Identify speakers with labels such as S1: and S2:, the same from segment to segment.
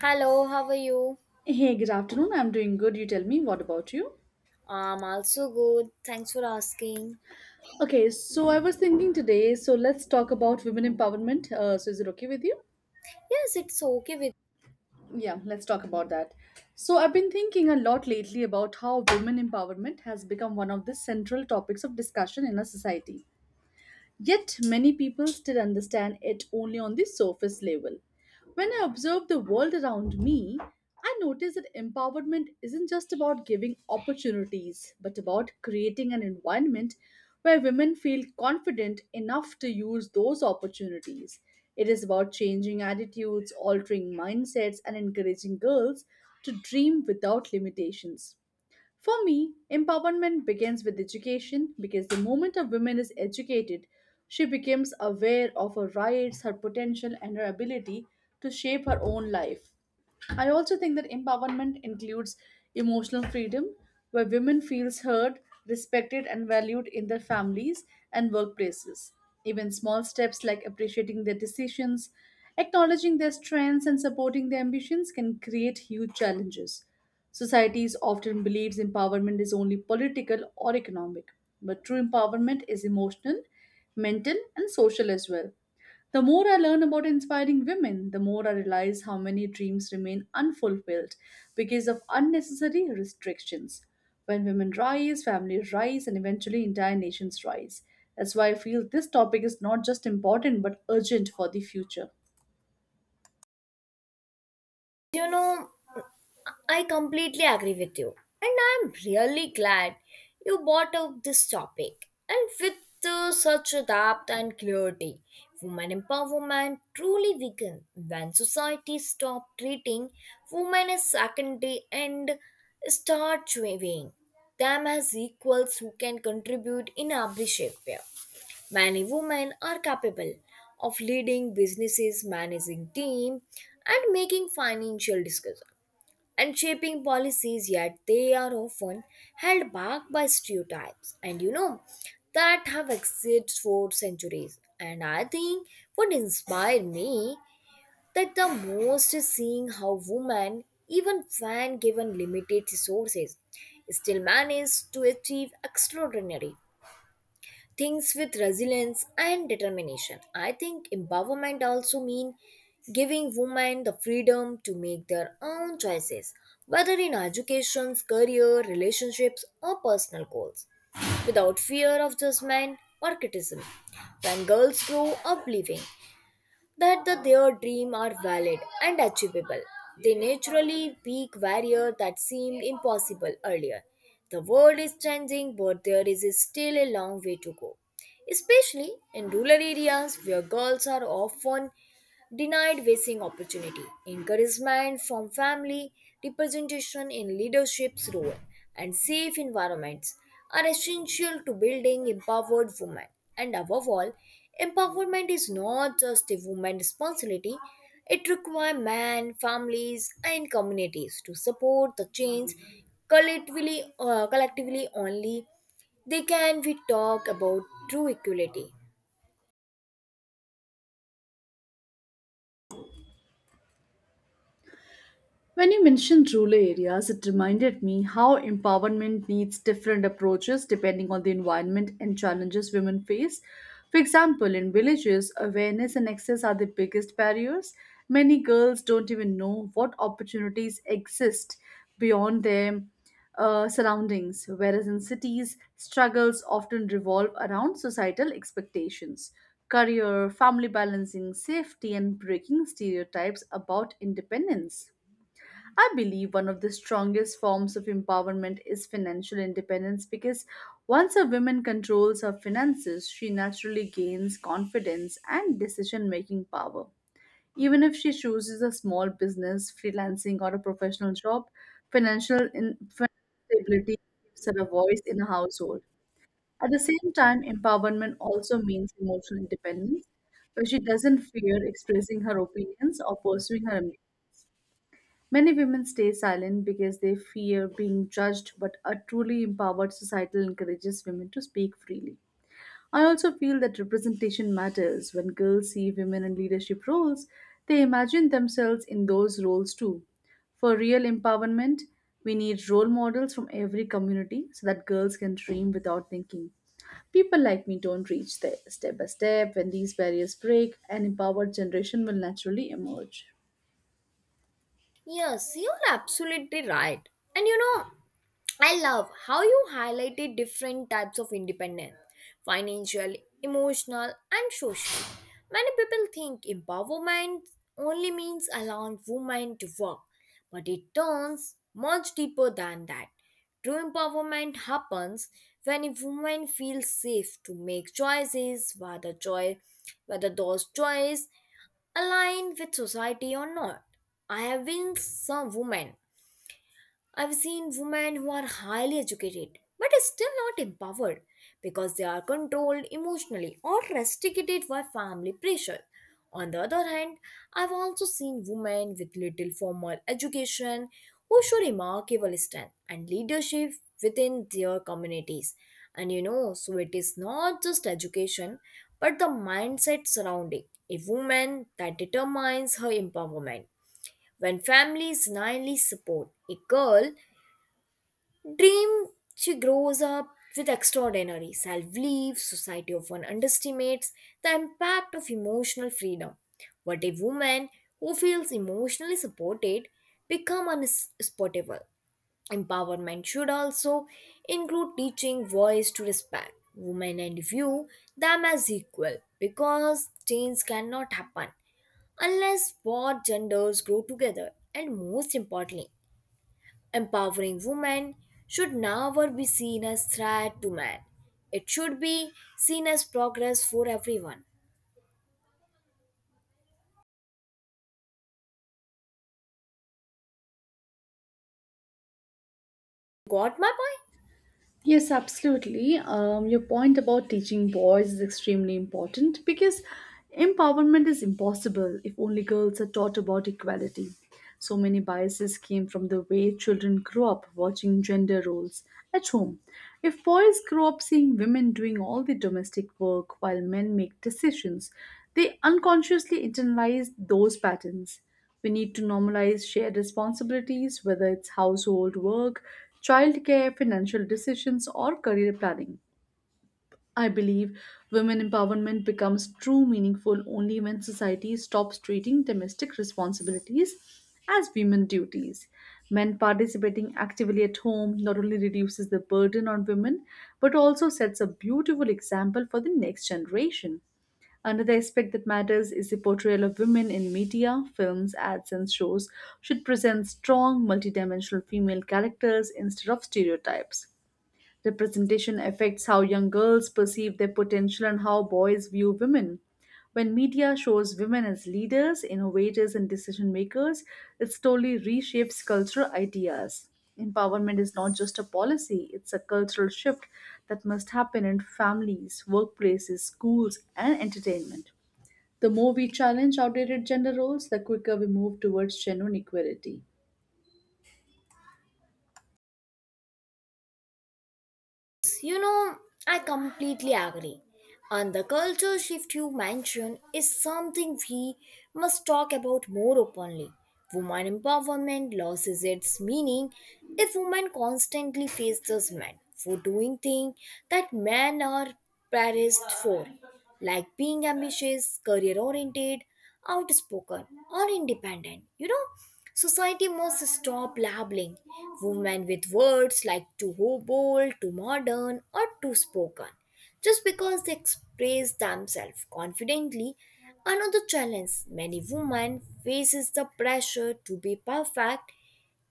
S1: Hello, how are you?
S2: Hey, good afternoon. I'm doing good. You tell me, what about you?
S1: I'm also good. Thanks for asking.
S2: Okay, so I was thinking today, so let's talk about women empowerment. Is it okay with you?
S1: Yes, it's okay with.
S2: Yeah, let's talk about that. So, I've been thinking a lot lately about how women empowerment has become one of the central topics of discussion in our society. Yet many people still understand it only on the surface level. When I observe the world around me, I notice that empowerment isn't just about giving opportunities, but about creating an environment where women feel confident enough to use those opportunities. It is about changing attitudes, altering mindsets, and encouraging girls to dream without limitations. For me, empowerment begins with education because the moment a woman is educated, she becomes aware of her rights, her potential, and her ability to shape her own life. I also think that empowerment includes emotional freedom, where women feels heard, respected, and valued in their families and workplaces. Even small steps like appreciating their decisions, acknowledging their strengths, and supporting their ambitions can create huge challenges. Societies often believes empowerment is only political or economic, but true empowerment is emotional, mental, and social as well. The more I learn about inspiring women, the more I realize how many dreams remain unfulfilled because of unnecessary restrictions. When women rise, families rise, and eventually entire nations rise. That's why I feel this topic is not just important but urgent for the future.
S1: you know, I completely agree with you. And I'm really glad you brought up this topic. And with such depth and clarity, women empowerment truly weaken when society stop treating women as secondary and start weighing them as equals who can contribute in every shape. Many women are capable of leading businesses, managing teams, and making financial decisions and shaping policies, yet they are often held back by stereotypes. That have existed for centuries. And I think what inspired me that the most is seeing how women, even when given limited resources, still manage to achieve extraordinary things with resilience and determination. I think empowerment also mean giving women the freedom to make their own choices, whether in education, career, relationships, or personal goals, without fear of judgment or criticism. When girls grow up believing that their dreams are valid and achievable, they naturally peak barrier that seemed impossible earlier. The world is changing, but there is still a long way to go, especially in rural areas where girls are often denied racing opportunity. Encouragement from family, representation in leadership's role, and safe environments are essential to building empowered women. And above all, empowerment is not just a woman's responsibility. It requires men, families, and communities to support the change collectively only. They can we talk about true equality.
S2: When you mentioned rural areas, it reminded me how empowerment needs different approaches depending on the environment and challenges women face. For example, in villages, awareness and access are the biggest barriers. Many girls don't even know what opportunities exist beyond their surroundings, whereas in cities, struggles often revolve around societal expectations. Career, family balancing, safety, and breaking stereotypes about independence. I believe one of the strongest forms of empowerment is financial independence because once a woman controls her finances, she naturally gains confidence and decision making power. Even if she chooses a small business, freelancing, or a professional job, financial stability gives her a voice in a household. At the same time, empowerment also means emotional independence, where she doesn't fear expressing her opinions or pursuing her ambitions. Many women stay silent because they fear being judged, but a truly empowered society encourages women to speak freely. I also feel that representation matters. When girls see women in leadership roles, they imagine themselves in those roles too. For real empowerment, we need role models from every community so that girls can dream without thinking. People like me don't reach there. Step by step, when these barriers break, an empowered generation will naturally emerge.
S1: Yes, you're absolutely right. And you know, I love how you highlighted different types of independence: financial, emotional, and social. Many people think empowerment only means allowing women to work, but it turns much deeper than that. True empowerment happens when a woman feels safe to make choices, whether those choices aligned with society or not. I have been some women I've seen women who are highly educated but are still not empowered because they are controlled emotionally or restricted by family pressure. On the other hand, I've also seen women with little formal education who show remarkable strength and leadership within their communities. So it is not just education but the mindset surrounding a woman that determines her empowerment. When families naively support a girl dream, she grows up with extraordinary self belief. Society often underestimates the impact of emotional freedom. But a woman who feels emotionally supported become unspotable. Empowerment should also include teaching voice to respect women and view them as equal, because change cannot happen unless both genders grow together. And most importantly, empowering women should never be seen as threat to men. It should be seen as progress for everyone. Got my point?
S2: Yes, absolutely. Your point about teaching boys is extremely important because empowerment is impossible if only girls are taught about equality. So many biases came from the way children grew up watching gender roles at home. If boys grow up seeing women doing all the domestic work while men make decisions, they unconsciously internalize those patterns. We need to normalize shared responsibilities, whether it's household work, childcare, financial decisions, or career planning. I believe women empowerment becomes true meaningful only when society stops treating domestic responsibilities as women duties. Men participating actively at home not only reduces the burden on women but also sets a beautiful example for the next generation. Another aspect that matters is the portrayal of women in media, films, ads, and shows should present strong, multidimensional female characters instead of stereotypes. Representation affects how young girls perceive their potential and how boys view women. When media shows women as leaders, innovators, and decision makers, it slowly reshapes cultural ideas. Empowerment is not just a policy, it's a cultural shift that must happen in families, workplaces, schools, and entertainment. The more we challenge outdated gender roles, the quicker we move towards genuine equality.
S1: You know, I completely agree. And the culture shift you mentioned is something we must talk about more openly. Woman empowerment loses its meaning if women constantly face those men for doing things that men are praised for, like being ambitious, career oriented, outspoken, or independent. Society must stop labeling women with words like too bold, too modern, or too spoken, just because they express themselves confidently. Another challenge many women faces the pressure to be perfect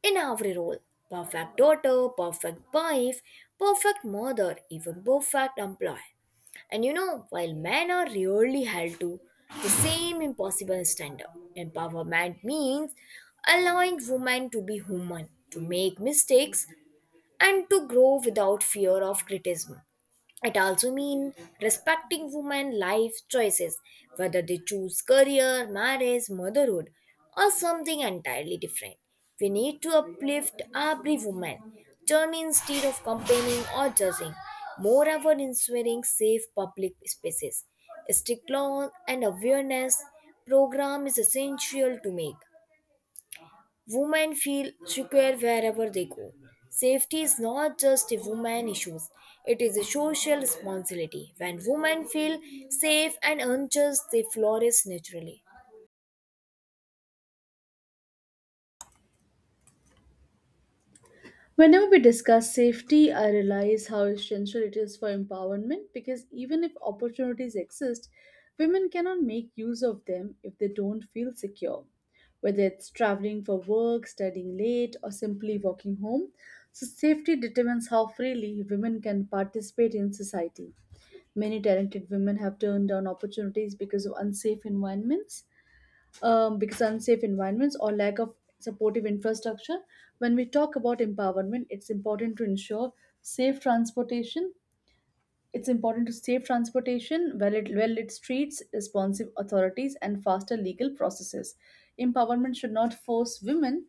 S1: in every role: perfect daughter, perfect wife, perfect mother, even perfect employee. While men are rarely held to the same impossible standard, empowerment means allowing women to be human, to make mistakes, and to grow without fear of criticism. It also means respecting women's life choices, whether they choose career, marriage, motherhood, or something entirely different. We need to uplift every woman journey instead of complaining or judging. Moreover, ensuring safe public spaces, strict laws, and awareness program is essential to make women feel secure wherever they go. Safety is not just a woman issue, it is a social responsibility. When women feel safe and unjust, they flourish naturally.
S2: Whenever we discuss safety, I realize how essential it is for empowerment because even if opportunities exist, women cannot make use of them if they don't feel secure. Whether it's traveling for work, studying late, or simply walking home, so safety determines how freely women can participate in society. Many talented women have turned down opportunities because of unsafe environments, because unsafe environments or lack of supportive infrastructure. When we talk about empowerment, it's important to ensure safe transportation. It's important to safe transportation, well-lit streets, responsive authorities, and faster legal processes. Empowerment should not force women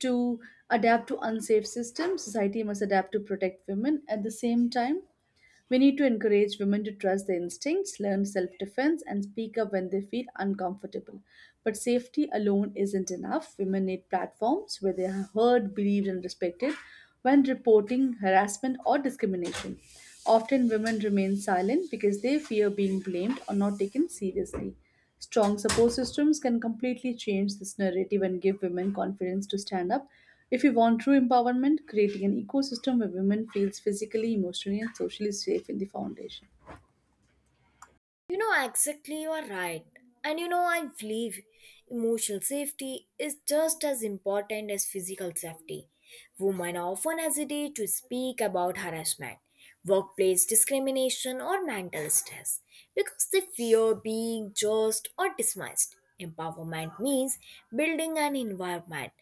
S2: to adapt to unsafe systems. Society must adapt to protect women. At the same time, we need to encourage women to trust their instincts, learn self defense, and speak up when they feel uncomfortable. But safety alone isn't enough. Women need platforms where they are heard, believed, and respected when reporting harassment or discrimination. Often, women remain silent because they fear being blamed or not taken seriously. Strong support systems can completely change this narrative and give women confidence to stand up. If we want true empowerment, creating an ecosystem where women feels physically, emotionally, and socially safe in the foundation.
S1: Exactly, you are right. I believe emotional safety is just as important as physical safety. Women often hesitate to speak about harassment, workplace discrimination, or mental stress because they fear being judged or dismissed. Empowerment means building an environment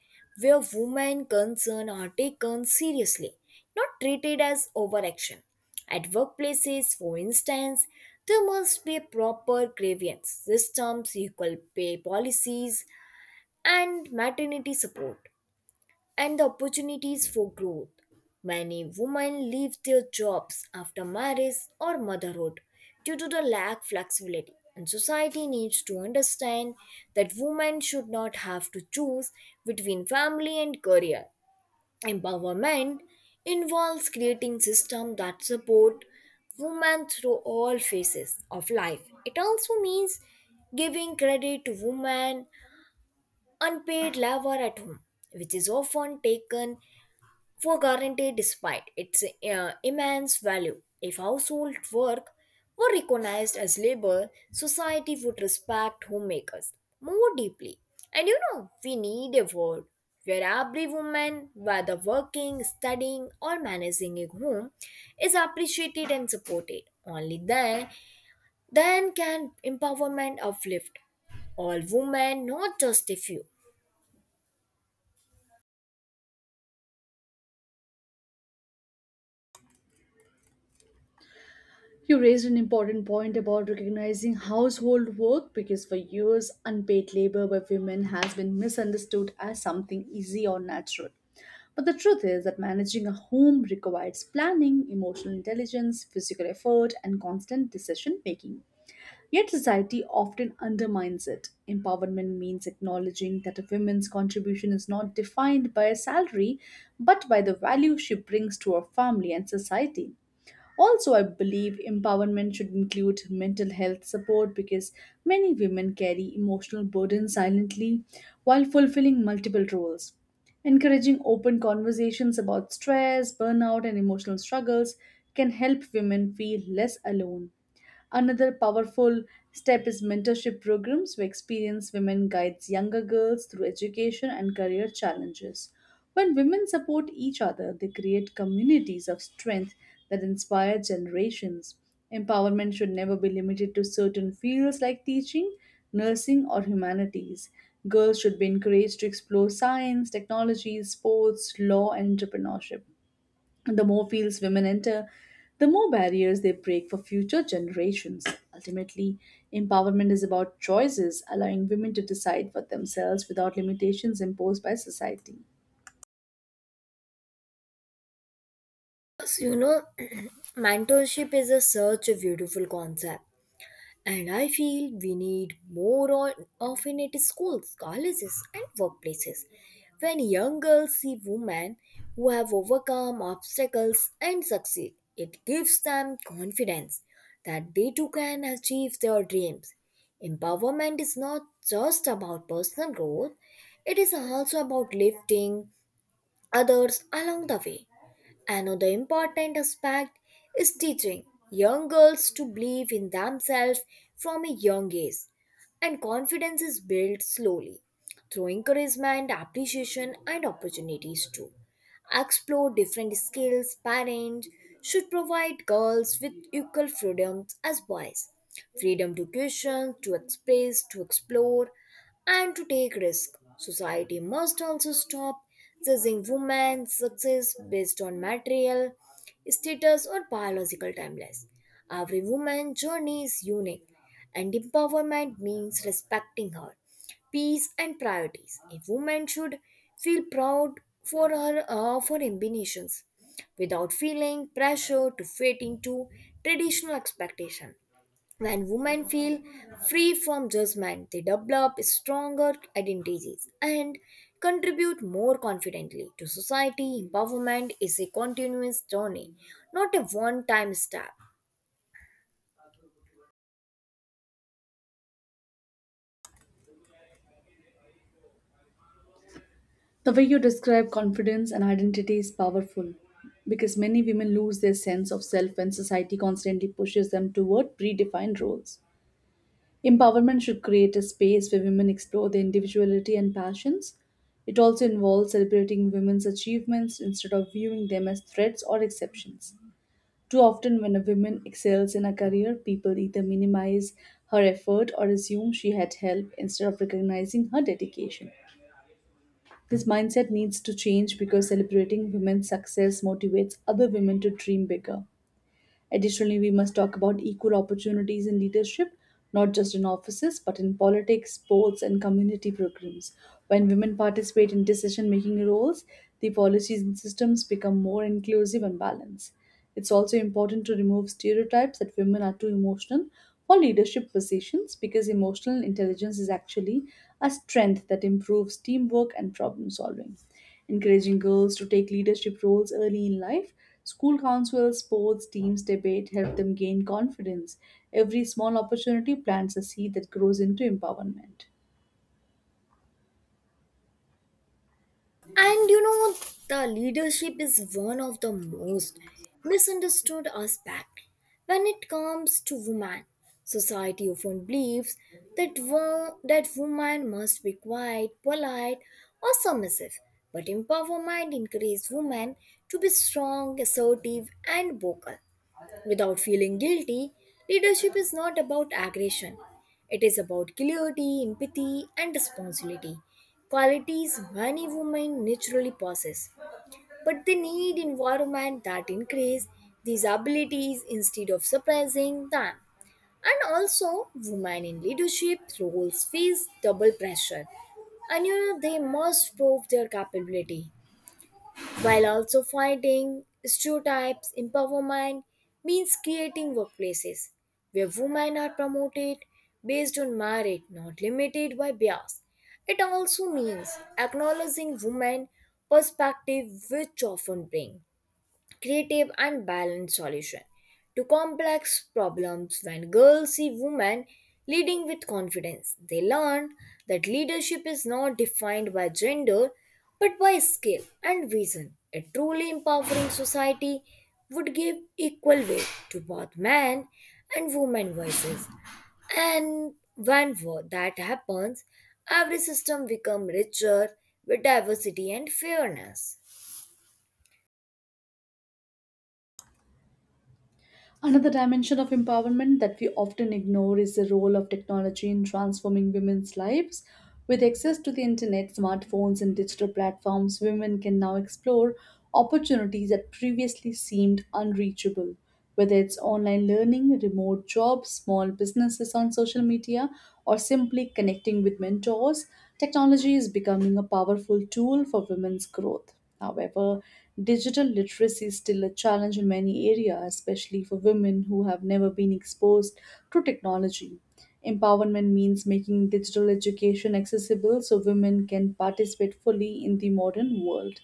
S1: where women concern are taken seriously, not treated as overaction. At workplaces, for instance, there must be proper grievance systems, equal pay policies, and maternity support, and the opportunities for growth. Many women leave their jobs after marriage or motherhood due to the lack flexibility. And society needs to understand that women should not have to choose between family and career. Empowerment involves creating systems that support women through all phases of life. It also means giving credit to women unpaid labor at home, which is often taken for guarantee despite its immense value. If household work were recognized as labor, society would respect homemakers more deeply. We need a world where every woman, whether working, studying, or managing a home, is appreciated and supported. Only then can empowerment uplift all women, not just a few.
S2: You raised an important point about recognizing household work because for years, unpaid labor by women has been misunderstood as something easy or natural. But the truth is that managing a home requires planning, emotional intelligence, physical effort, and constant decision making. Yet society often undermines it. Empowerment means acknowledging that a woman's contribution is not defined by a salary, but by the value she brings to her family and society. Also, I believe empowerment should include mental health support because many women carry emotional burdens silently while fulfilling multiple roles. Encouraging open conversations about stress, burnout, and emotional struggles can help women feel less alone. Another powerful step is mentorship programs where experienced women guides younger girls through education and career challenges. When women support each other, they create communities of strength that inspire generations. Empowerment should never be limited to certain fields like teaching, nursing, or humanities. Girls should be encouraged to explore science, technology, sports, law, and entrepreneurship. The more fields women enter, the more barriers they break for future generations. Ultimately, empowerment is about choices, allowing women to decide for themselves without limitations imposed by society.
S1: So, mentorship is a such a beautiful concept. And I feel we need more on, often at schools, colleges, and workplaces. When young girls see women who have overcome obstacles and succeed, it gives them confidence that they too can achieve their dreams. Empowerment is not just about personal growth, it is also about lifting others along the way. Another important aspect is teaching young girls to believe in themselves from a young age, and confidence is built slowly through encouragement, appreciation, and opportunities too. Explore different skills. Parents should provide girls with equal freedoms as boys: freedom to question, to express, to explore, and to take risk. Society must also stop judging women's success based on material, status, or biological timelines. Every woman's journey is unique, and empowerment means respecting her peace and priorities. A woman should feel proud for her for ambitions without feeling pressure to fit into traditional expectation. When women feel free from judgment, they develop stronger identities and contribute more confidently to society. Empowerment is a continuous journey, not a one time step.
S2: The way you describe confidence and identity is powerful because many women lose their sense of self when society constantly pushes them toward predefined roles. Empowerment should create a space where women explore their individuality and passions. It also involves celebrating women's achievements instead of viewing them as threats or exceptions. Too often, when a woman excels in a career, people either minimize her effort or assume she had help instead of recognizing her dedication. This mindset needs to change because celebrating women's success motivates other women to dream bigger. Additionally, we must talk about equal opportunities in leadership, not just in offices, but in politics, sports, and community programs. When women participate in decision making roles, the policies and systems become more inclusive and balanced. It's also important to remove stereotypes that women are too emotional for leadership positions because emotional intelligence is actually a strength that improves teamwork and problem solving encouraging girls to take leadership roles early in life. School councils, sports teams, debate help them gain confidence. Every small opportunity plants a seed that grows into empowerment.
S1: And you know, the leadership is one of the most misunderstood aspect when it comes to women. Society often believes that that women must be quiet, polite, or submissive. But empowerment encourages women to be strong, assertive, and vocal without feeling guilty. Leadership is not about aggression. It is about clarity, empathy, and responsibility. Qualities many women naturally possess, but they need environment that increase these abilities instead of suppressing them. And also, women in leadership roles face double pressure, and they must prove their capability while also fighting stereotypes. Empowerment means creating workplaces where women are promoted based on merit, not limited by bias. It also means acknowledging women perspective, which often bring creative and balanced solution to complex problems. When girls see women leading with confidence, they learn that leadership is not defined by gender but by skill and vision. A truly empowering society would give equal weight to both men and women voices. And when that happens, every system becomes richer with diversity and fairness.
S2: Another dimension of empowerment that we often ignore is the role of technology in transforming women's lives. With access to the internet, smartphones, and digital platforms, women can now explore opportunities that previously seemed unreachable. Whether it's online learning, remote jobs, small businesses on social media, or simply connecting with mentors, technology is becoming a powerful tool for women's growth. However, digital literacy is still a challenge in many areas, especially for women who have never been exposed to technology. Empowerment means making digital education accessible so women can participate fully in the modern world.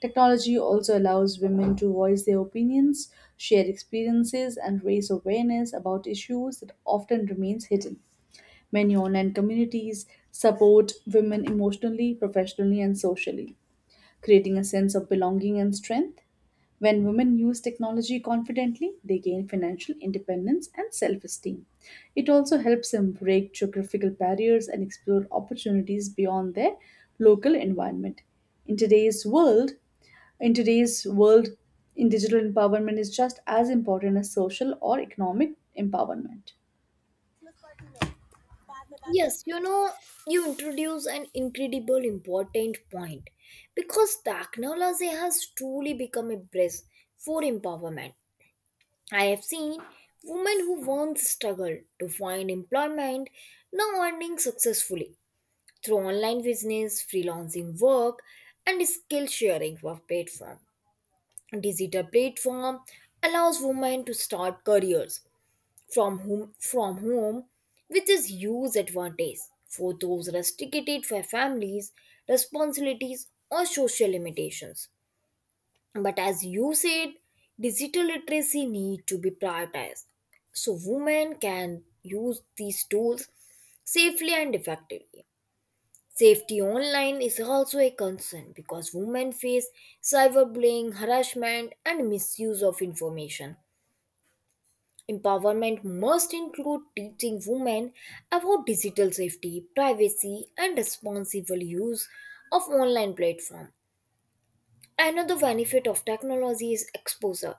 S2: Technology also allows women to voice their opinions, share experiences, and raise awareness about issues that often remains hidden. Many online communities support women emotionally, professionally, and socially, creating a sense of belonging and strength. When women use technology confidently, they gain financial independence and self esteem. It also helps them break geographical barriers and explore opportunities beyond their local environment. In today's world, in today's world, in digital empowerment is just as important as social or economic empowerment.
S1: Yes, you introduce an incredible important point because technology has truly become a bridge for empowerment. I have seen women who once struggled to find employment now earning successfully through online business, freelancing work, and skill sharing for platform. Digital platform allows women to start careers from home, which is huge advantage for those restricted by families responsibilities or social limitations. But as you said, digital literacy need to be prioritized so women can use these tools safely and effectively. Safety online is also a concern because women face cyberbullying, harassment, and misuse of information. Empowerment must include teaching women about digital safety, privacy, and responsible use of online platform. Another benefit of technology is exposure.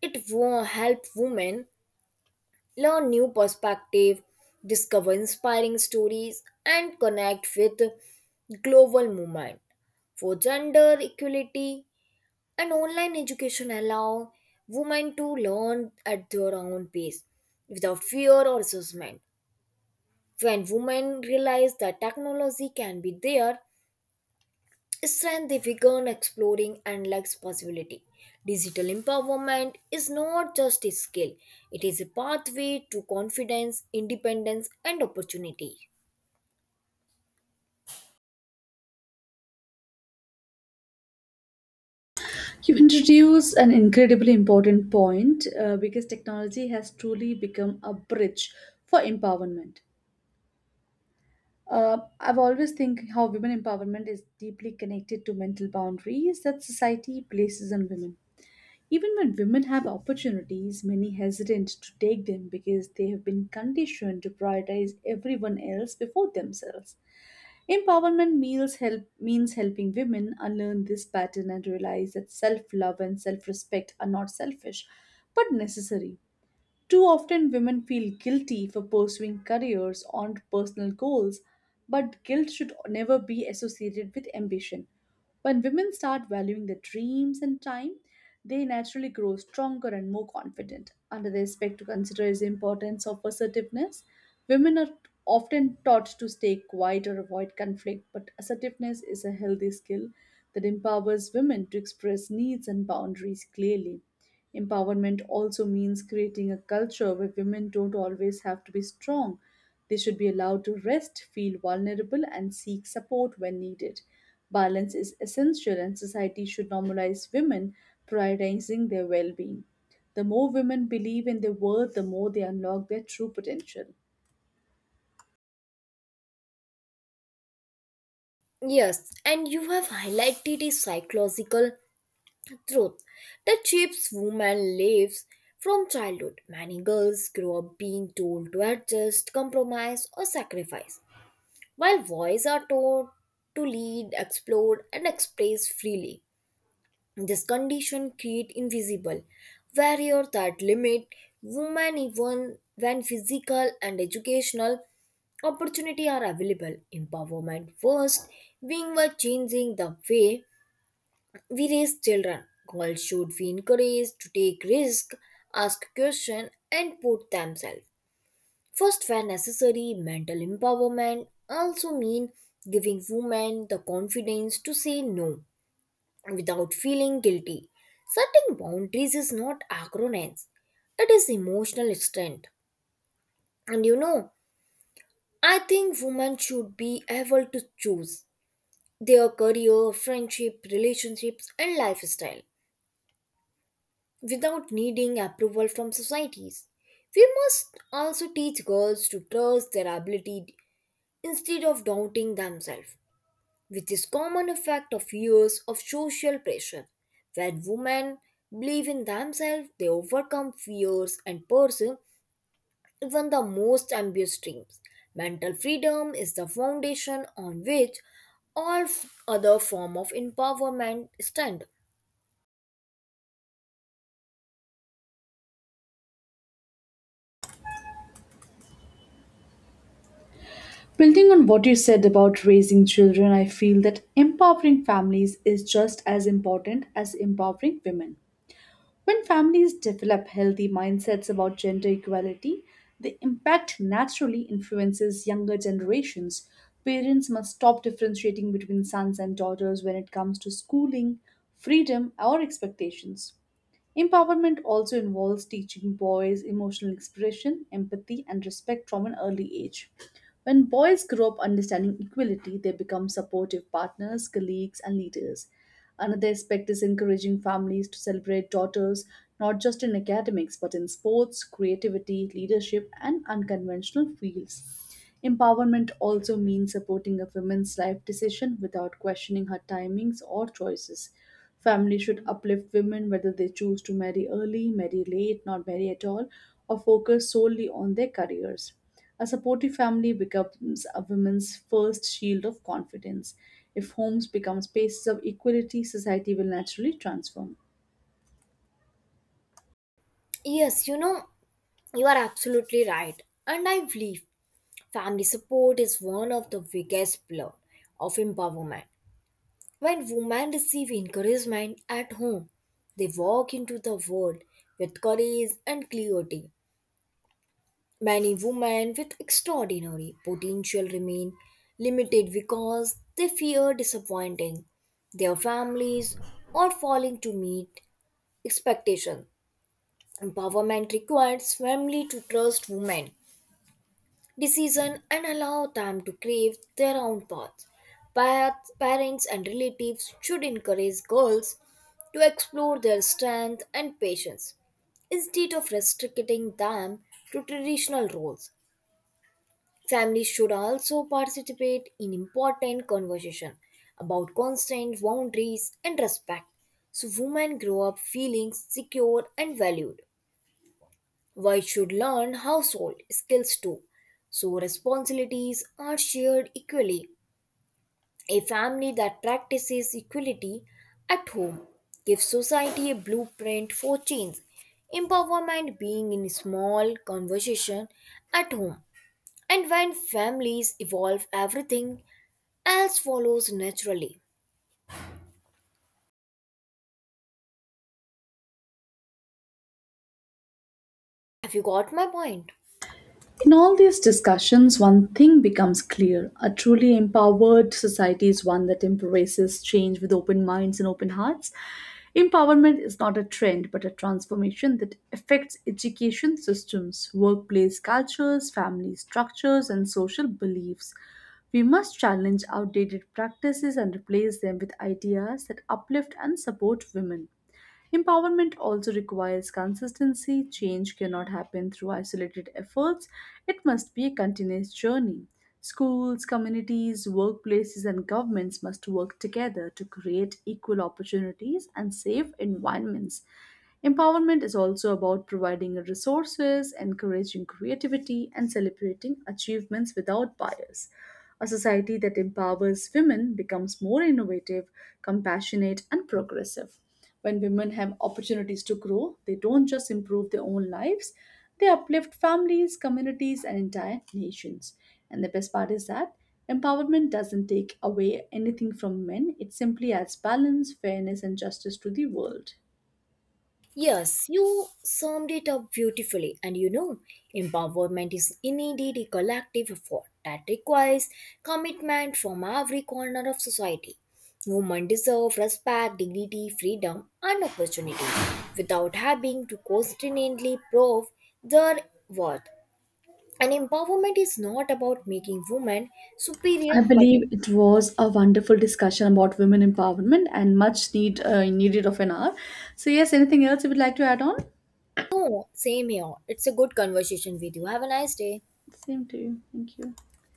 S1: It will help women learn new perspective, discover inspiring stories, and connect with global movement for gender equality. And online education allow women to learn at their own pace without fear or assessment. When women realize that technology can be their strength, they begin exploring endless possibility. Digital empowerment is not just a skill, it is a pathway to confidence, independence, and opportunity.
S2: You introduce an incredibly important point because technology has truly become a bridge for empowerment. I've always think how women empowerment is deeply connected to mental boundaries that society places on women. Even when women have opportunities, many hesitant to take them because they have been conditioned to prioritize everyone else before themselves. Empowerment means help means helping women unlearn this pattern and realize that self-love and self-respect are not selfish, but necessary. Too often, women feel guilty for pursuing careers or personal goals, but guilt should never be associated with ambition. When women start valuing their dreams and time, they naturally grow stronger and more confident. Another aspect to consider is the importance of assertiveness. Women are often taught to stay quiet or avoid conflict, but assertiveness is a healthy skill that empowers women to express needs and boundaries clearly. Empowerment also means creating a culture where women don't always have to be strong. They should be allowed to rest, feel vulnerable, and seek support when needed. Balance is essential, and society should normalize women, prioritizing their well being. The more women believe in their worth, the more they unlock their true potential.
S1: Yes, and you have highlighted a psychological truth that shapes women lives from childhood. Many girls grow up being told to adjust, compromise, or sacrifice, while boys are taught to lead, explore, and express freely. This condition creates invisible barrier that limit women even when physical and educational opportunity are available. Empowerment first being by changing the way we raise children. Girls should be encouraged to take risks, ask questions, and put themselves first where necessary. Mental empowerment also means giving women the confidence to say no without feeling guilty. Setting boundaries is not arrogance; it is emotional strength. And you know, I think women should be able to choose their career, friendship, relationships, and lifestyle without needing approval from societies. We must also teach girls to trust their ability instead of doubting themselves, which is common effect of years of social pressure. When women believe in themselves, they overcome fears and pursue even the most ambitious dreams. Mental freedom is the foundation on which all other form of empowerment stand.
S2: Building on what you said about raising children, I feel that empowering families is just as important as empowering women. When families develop healthy mindsets about gender equality, the impact naturally influences younger generations. Parents must stop differentiating between sons and daughters when it comes to schooling, freedom, or expectations. Empowerment also involves teaching boys emotional expression, empathy, and respect from an early age. When boys grow up understanding equality, they become supportive partners, colleagues, and leaders. Another aspect is encouraging families to celebrate daughters not just in academics but in sports, creativity, leadership, and unconventional fields. Empowerment also means supporting a woman's life decision without questioning her timings or choices. Families should uplift women whether they choose to marry early, marry late, not marry at all, or focus solely on their careers. A supportive family becomes a woman's first shield of confidence. If homes become spaces of equality, society will naturally transform.
S1: Yes, you are absolutely right. And I believe family support is one of the biggest pillar of empowerment. When women receive encouragement at home, they walk into the world with courage and clarity. Many women with extraordinary potential remain limited because they fear disappointing their families or failing to meet expectations. Empowerment requires family to trust women decision and allow them to crave their own paths. Parents and relatives should encourage girls to explore their strength and patience instead of restricting them to traditional roles. Families should also participate in important conversation about consent, boundaries, and respect so women grow up feeling secure and valued. Wives should learn household skills too, so responsibilities are shared equally. A family that practices equality at home gives society a blueprint for change. Empowerment being in small conversation at home. And when families evolve, everything else follows naturally. Have you got my point?
S2: In all these discussions, one thing becomes clear. A truly empowered society is one that embraces change with open minds and open hearts. Empowerment is not a trend, but a transformation that affects education systems, workplace cultures, family structures, and social beliefs. We must challenge outdated practices and replace them with ideas that uplift and support women. Empowerment also requires consistency. Change cannot happen through isolated efforts, it must be a continuous journey. Schools, communities, workplaces, and governments must work together to create equal opportunities and safe environments. Empowerment is also about providing resources, encouraging creativity, and celebrating achievements without bias. A society that empowers women becomes more innovative, compassionate, and progressive. When women have opportunities to grow, they don't just improve their own lives, they uplift families, communities, and entire nations. And the best part is that empowerment doesn't take away anything from men, it simply adds balance, fairness, and justice to the world.
S1: Yes, you summed it up beautifully. Empowerment is indeed a collective effort that requires commitment from every corner of society. Women deserve respect, dignity, freedom, and opportunity without having to constantly prove their worth. And empowerment is not about making women superior,
S2: I
S1: but.
S2: believe it was a wonderful discussion about women empowerment and much needed of an hour. So yes, anything else you would like to add on?
S1: No, same here. It's a good conversation with you. Have a nice day.
S2: Same to you. Thank you.